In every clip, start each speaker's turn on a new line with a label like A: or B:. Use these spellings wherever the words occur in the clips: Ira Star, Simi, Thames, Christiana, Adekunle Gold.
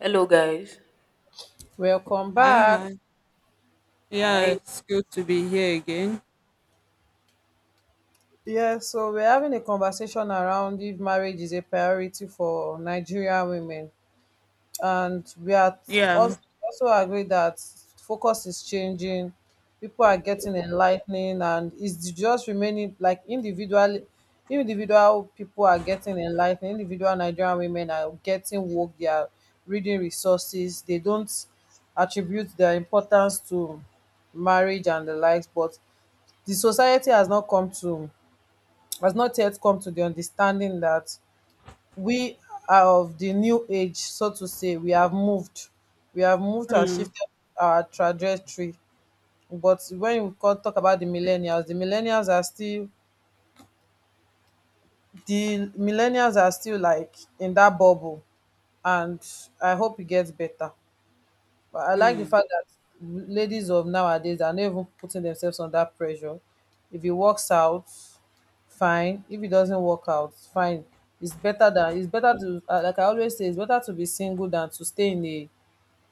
A: Hello, guys.
B: Welcome
C: Hi,
B: back.
C: hi. Yeah,
A: Hi.
C: it's good to be here again.
B: Yeah, so we're having a conversation around if marriage is a priority for Nigerian women. And we are
C: Yeah.
B: also, also agree that focus is changing, people are getting enlightening, and it's just remaining like individual people are getting enlightened, individual Nigerian women are getting woke, they are reading resources, they don't attribute their importance to marriage and the likes, but the society has not come to has not yet come to the understanding that we are of the new age, so to say. We have moved. We have moved and
C: Hmm.
B: shifted our trajectory. But when you talk about the millennials are still the millennials are still like in that bubble and I hope it gets better. But I like the fact that ladies of nowadays are not even putting themselves under pressure. If it works out, fine. If it doesn't work out, fine. It's better than it's better to like I always say, it's better to be single than to stay in a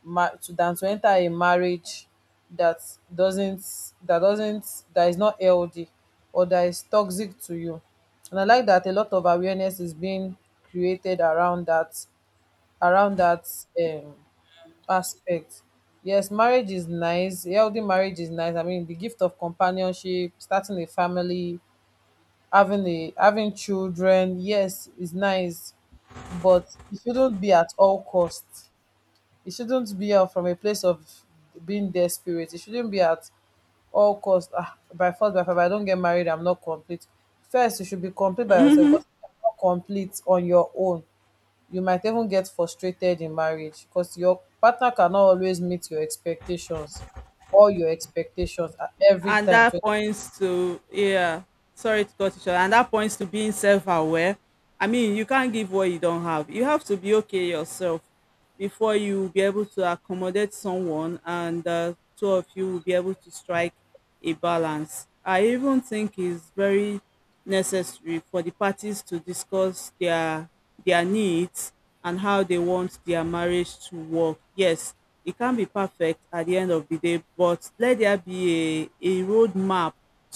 B: ma- to than to enter a marriage that doesn't that doesn't that is not healthy or that is toxic to you. And I like that a lot of awareness is being created around that um aspect. Yes, marriage is nice. Healthy marriage is nice. I mean, the gift of companionship, starting a family, having children, yes, is nice. But it shouldn't be at all cost. It shouldn't be from a place of being desperate. It shouldn't be at all cost. Ah, by force, if I don't get married, I'm not complete. First, you should be complete by yourself,
C: Hmm.
B: because if you're not complete on your own you might even get frustrated in marriage because your partner cannot always meet your expectations or your expectations at every
C: And
B: time. So,
C: that points to, yeah, sorry to cut you short, and that points to being self-aware. I mean, you can't give what you don't have. You have to be okay yourself before you be able to accommodate someone, and two of you will be able to strike a balance. I even think it's very necessary for the parties to discuss their needs and how they want their marriage to work. Yes, it can't be perfect at the end of the day, but let there be a roadmap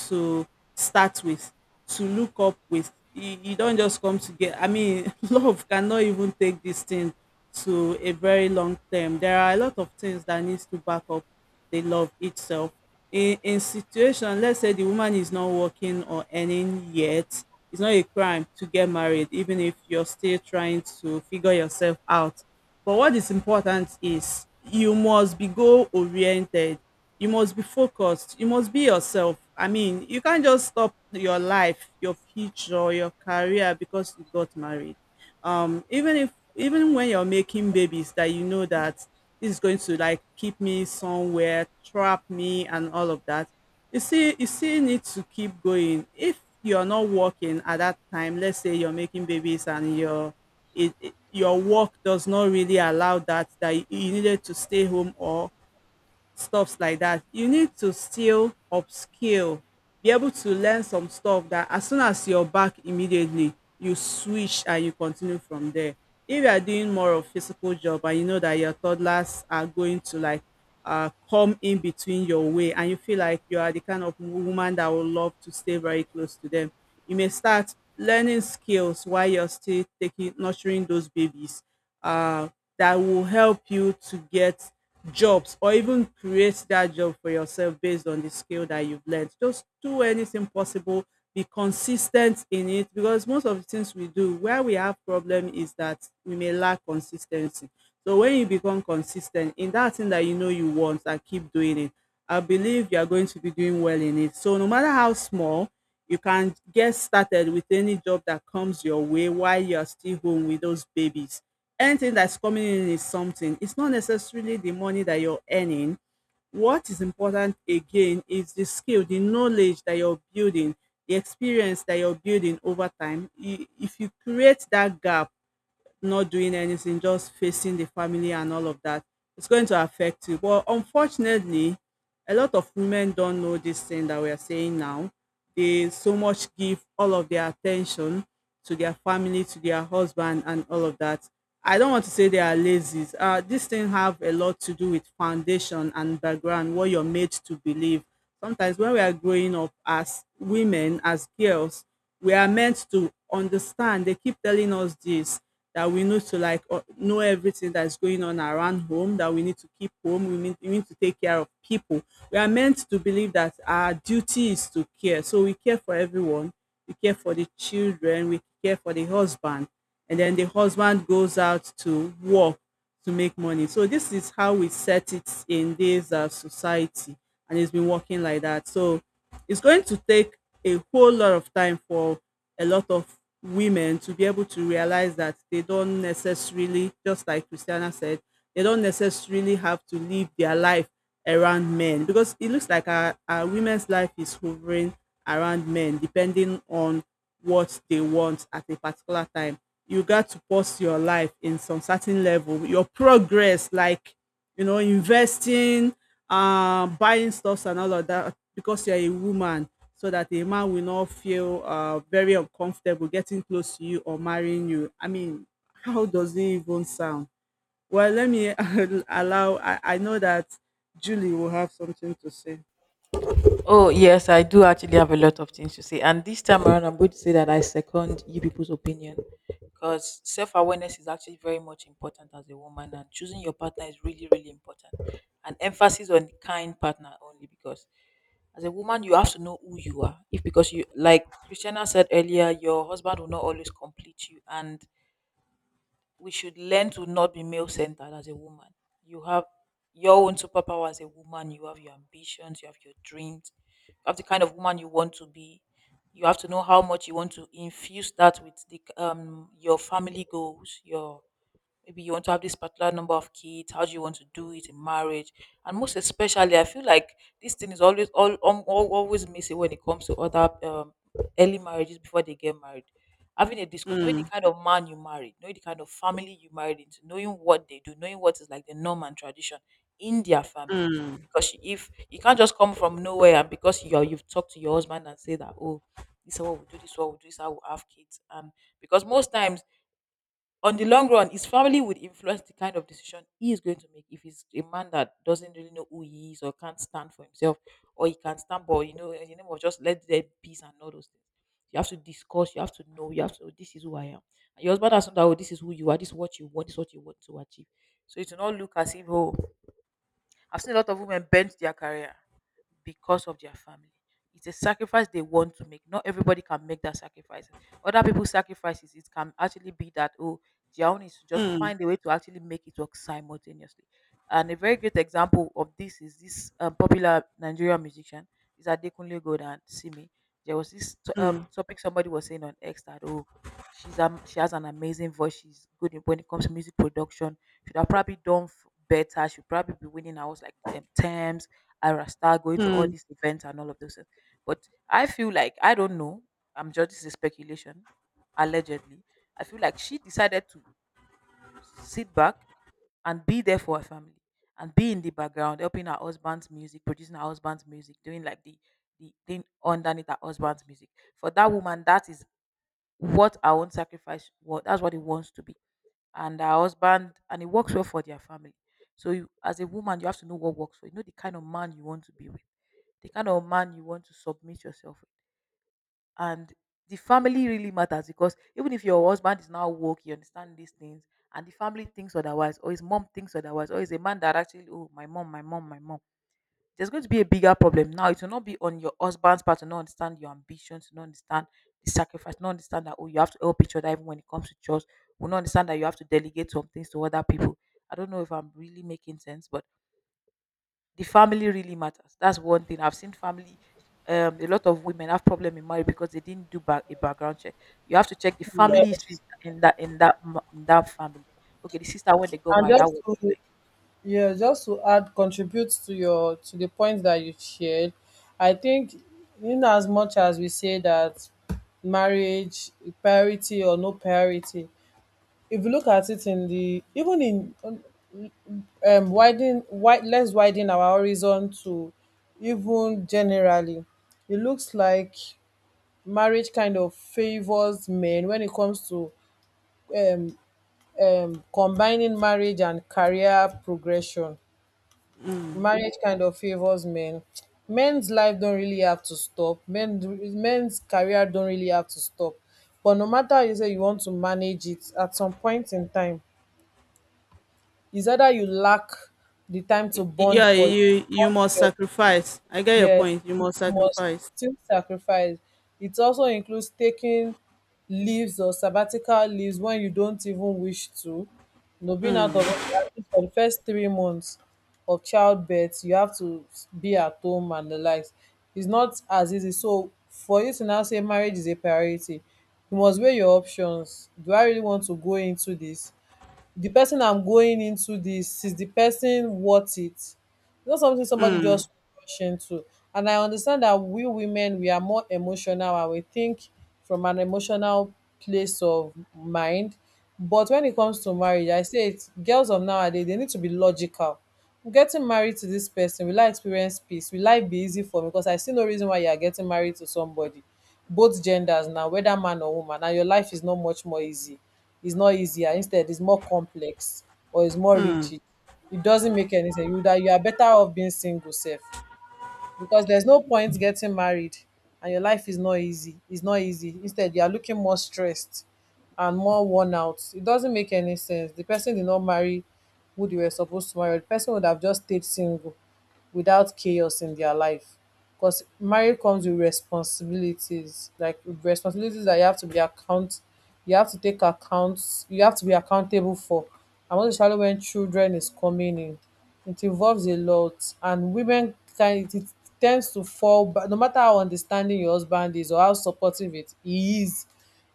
C: to start with, to look up with. You don't just come to get, I mean, love cannot even take this thing to a very long term. There are a lot of things that needs to back up the love itself. In situation, let's say the woman is not working or earning yet, it's not a crime to get married, even if you're still trying to figure yourself out. But what is important is you must be goal oriented. You must be focused. You must be yourself. I mean, you can't just stop your life, your future, your career because you got married. Even if even when you're making babies that you know that this is going to like keep me somewhere, trap me and all of that, you see you still need to keep going. If you're not working at that time, let's say you're making babies and you're your work does not really allow that you needed to stay home or stuffs like that, you need to still upskill, be able to learn some stuff that as soon as you're back immediately, you switch and you continue from there. If you are doing more of physical job and you know that your toddlers are going to like come in between your way and you feel like you are the kind of woman that would love to stay very close to them, you may start learning skills while you're still taking nurturing those babies uh, that will help you to get jobs or even create that job for yourself based on the skill that you've learned. Just do anything possible, be consistent in it because most of the things we do, where we have problem is that we may lack consistency. So when you become consistent in that thing that you know you want and keep doing it, I believe you are going to be doing well in it. So no matter how small, you can get started with any job that comes your way while you're still home with those babies. Anything that's coming in is something. It's not necessarily the money that you're earning. What is important again is the skill, the knowledge that you're building, the experience that you're building over time. If you create that gap, not doing anything, just facing the family and all of that, it's going to affect you. But unfortunately, a lot of women don't know this thing that we are saying now. They so much give all of their attention to their family, to their husband, and all of that. I don't want to say they are lazy. This thing have a lot to do with foundation and background, what you're made to believe. Sometimes when we are growing up as women, as girls, we are meant to understand. They keep telling us this that we need to like know everything that's going on around home, that we need to keep home, we need to take care of people. We are meant to believe that our duty is to care. So we care for everyone, we care for the children, we care for the husband. And then the husband goes out to work to make money. So this is how we set it in this society, and it's been working like that. So it's going to take a whole lot of time for a lot of women to be able to realize that they don't necessarily, just like Christiana said, they don't necessarily have to live their life around men because it looks like our women's life is hovering around men depending on what they want at a particular time. You got to pause your life in some certain level, your progress, like investing, buying stuffs and all of that because you're a woman, so that a man will not feel very uncomfortable getting close to you or marrying you. I mean, how does it even sound? Well, let me allow, I know that Julie will have something to say.
A: Oh, yes, I do actually have a lot of things to say. And this time around, I'm going to say that I second you people's opinion because self awareness is actually very much important as a woman, and choosing your partner is really, really important. And emphasis on kind partner only because as a woman, you have to know who you are. If because you, like Christiana said earlier, your husband will not always complete you, and we should learn to not be male centered as a woman. You have your own superpower as a woman, you have your ambitions, you have your dreams, you have the kind of woman you want to be. You have to know how much you want to infuse that with the your family goals, your maybe you want to have this particular number of kids. How do you want to do it in marriage? And most especially, I feel like this thing is always always missing when it comes to other early marriages. Before they get married, having a discussion, knowing the
C: Mm,
A: kind of man you married, knowing the kind of family you married into, knowing what they do, knowing what is like the norm and tradition in their family.
C: mm,
A: Because if you can't just come from nowhere, and because you've talked to your husband and say that, oh, this is what we do, this is what we do, this is how we have kids. And because most times, on the long run, his family would influence the kind of decision he is going to make. If he's a man that doesn't really know who he is or can't stand for himself, or he can stand, but you know, in the name of just let there be peace and all those things. You have to discuss, you have to know, you have to, this is who I am. And your husband has known that, oh, this is who you are, this is what you want, this is what you want to achieve. So it's not look as if, oh, I've seen a lot of women bend their career because of their family. It's a sacrifice they want to make. Not everybody can make that sacrifice. Other people's sacrifices, it can actually be that, oh, their own is to just
C: mm,
A: find a way to actually make it work simultaneously. And a very great example of this is this popular Nigerian musician, is Adekunle Gold and Simi. There was this
C: mm,
A: topic somebody was saying on X that, oh, she has an amazing voice. She's when it comes to music production should have probably done better. Should probably be winning awards like them Thames, Ira Star, going to all
C: mm.
A: these events and all of those things. But I feel like I don't know. I'm just This is speculation, allegedly. I feel like she decided to sit back and be there for her family and be in the background, helping her husband's music, producing her husband's music, doing like the thing underneath her husband's music. For that woman, that is what her own sacrifice was. That's what it wants to be, and her husband, and it works well for their family. So you, as a woman, you have to know what works for you, know the kind of man you want to be with, the kind of man you want to submit yourself with. And the family really matters, because even if your husband is now woke, you understand these things, and the family thinks otherwise, or his mom thinks otherwise, or is a man that actually, oh, my mom, my mom, my mom, there's going to be a bigger problem. Now it will not be on your husband's part to not understand your ambition, to not understand the sacrifice, not understand that, oh, you have to help each other even when it comes to chores. Will not understand that you have to delegate some things to other people. I don't know if I'm really making sense, but the family really matters. That's one thing. I've seen family, a lot of women have problem in marriage because they didn't a background check. You have to check the family history
B: yes,
A: in that, in that family. Okay, the sister when they got
B: and
A: married, that
B: just
A: was.
B: to yeah, just to add contribute to your to the point that you shared, I think in as much as we say that marriage parity or no parity, if you look at it in the even in widen wide let's widen our horizon to even generally, it looks like marriage kind of favors men when it comes to combining marriage and career progression. Marriage kind of favors men. Men's life don't really have to stop. Men's career don't really have to stop. But no matter how you say you want to manage it, at some point in time, it's either you lack the time to
C: Yeah, you
B: bond with
C: must
B: your,
C: sacrifice. I get your
B: yes,
C: point. You
B: you
C: must
B: must
C: sacrifice.
B: still sacrifice. It also includes taking leaves or sabbatical leaves when you don't even wish to. You know, being out of office
C: Mm,
B: at least for the first 3 months of childbirth, you have to be at home and the likes. It's not as easy. So for you to now say marriage is a priority, you must weigh your options. Do I really want to go into this? The person I'm going into this, is the person worth it? It's not something somebody
C: mm,
B: just rush into. And I understand that we women, we are more emotional, and we think from an emotional place of mind. But when it comes to marriage, I say it, girls of nowadays, they need to be logical. Getting married to this person, will I experience peace? Will life be easy for me? Because I see no reason why you are getting married to somebody, both genders now, whether man or woman, and your life is not much more easy. It's not easier. Instead, it's more complex or it's more
C: mm,
B: rigid. It doesn't make any sense. You, that you are better off being single sef, because there's no point getting married and your life is not easy. It's not easy. Instead, you are looking more stressed and more worn out. It doesn't make any sense. The person did not marry who they were supposed to marry, or the person would have just stayed single without chaos in their life. Because marriage comes with responsibilities, like responsibilities that you have to you have to take accounts, you have to be accountable for. And most especially when children is coming in, it involves a lot, and it tends to fall back. No matter how understanding your husband is or how supportive it he is,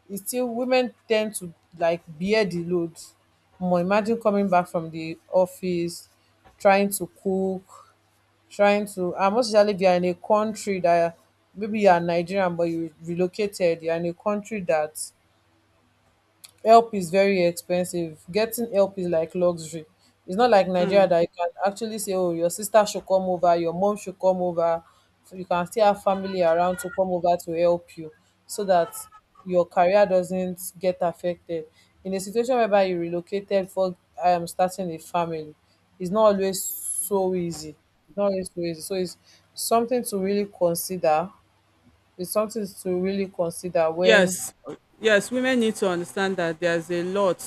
B: it's still women tend to like bear the load more. Imagine coming back from the office, trying to cook, trying to, and most especially if you are in a country that, maybe you are Nigerian but you relocated, you are in a country that help is very expensive. Getting help is like luxury. It's not like Nigeria
C: mm.
B: that you can actually say, oh, your sister should come over, your mom should come over. So you can still have family around to come over to help you so that your career doesn't get affected. In a situation whereby you relocated for starting a family, it's not always so easy. It's not always so easy. So it's something to really consider. It's something to really consider when,
C: Yes, yes, women need to understand that there's a lot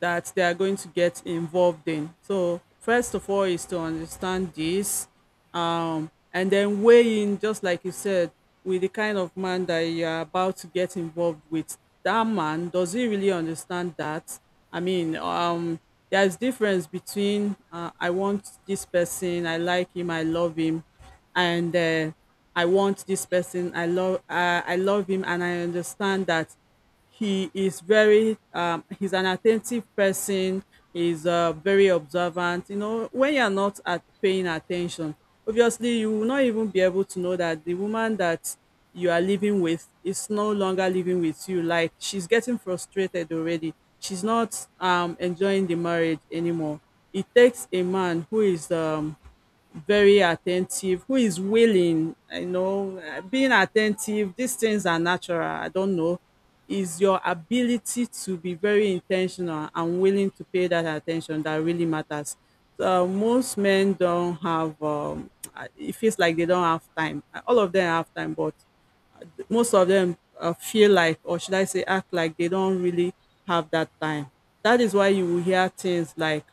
C: that they are going to get involved in. So, first of all, is to understand this, and then weigh in, just like you said, with the kind of man that you are about to get involved with. That man, does he really understand that? I mean, there's difference between I want this person, I like him, I love him, and I want this person. I love him, and I understand that he is very he's an attentive person. He's very observant. When you're not at paying attention, obviously you will not even be able to know that the woman that you are living with is no longer living with you. Like she's getting frustrated already. She's not enjoying the marriage anymore. It takes a man who is very attentive, who is willing, being attentive, these things are natural, I don't know, is your ability to be very intentional and willing to pay that attention that really matters. So most men don't have, it feels like they don't have time. All of them have time, but most of them feel like, or should I say, act like they don't really have that time. That is why you will hear things like,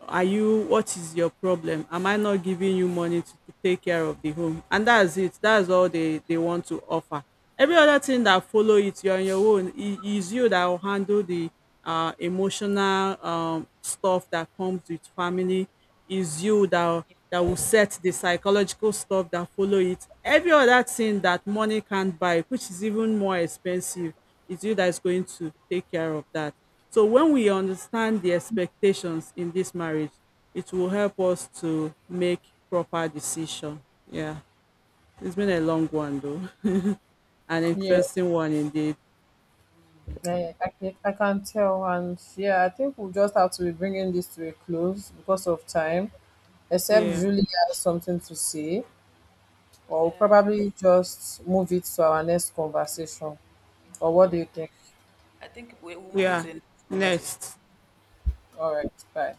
C: are you what is your problem? Am I not giving you money to take care of the home? And that's it. That's all they want to offer. Every other thing that follow it, you're on your own. It is you that will handle the emotional stuff that comes with family. Is you that will
A: Yes.
C: set the psychological stuff that follow it. Every other thing that money can't buy, which is even more expensive, is you that is going to take care of that. So when we understand the expectations in this marriage, it will help us to make proper decision. Yeah. It's been a long one though. An
A: Yes.
B: yeah
C: interesting one indeed.
A: Mm.
B: I can tell, and yeah, I think we'll just have to be bringing this to a close because of time, except
C: Yeah.
B: Julie has something to say, or we'll
A: Uh,
B: probably just move it to our next conversation. Or what do
A: oh,
B: you think?
A: I think will
C: we
A: move it to
C: are
A: the next conversation.
C: Next.
B: All right, bye.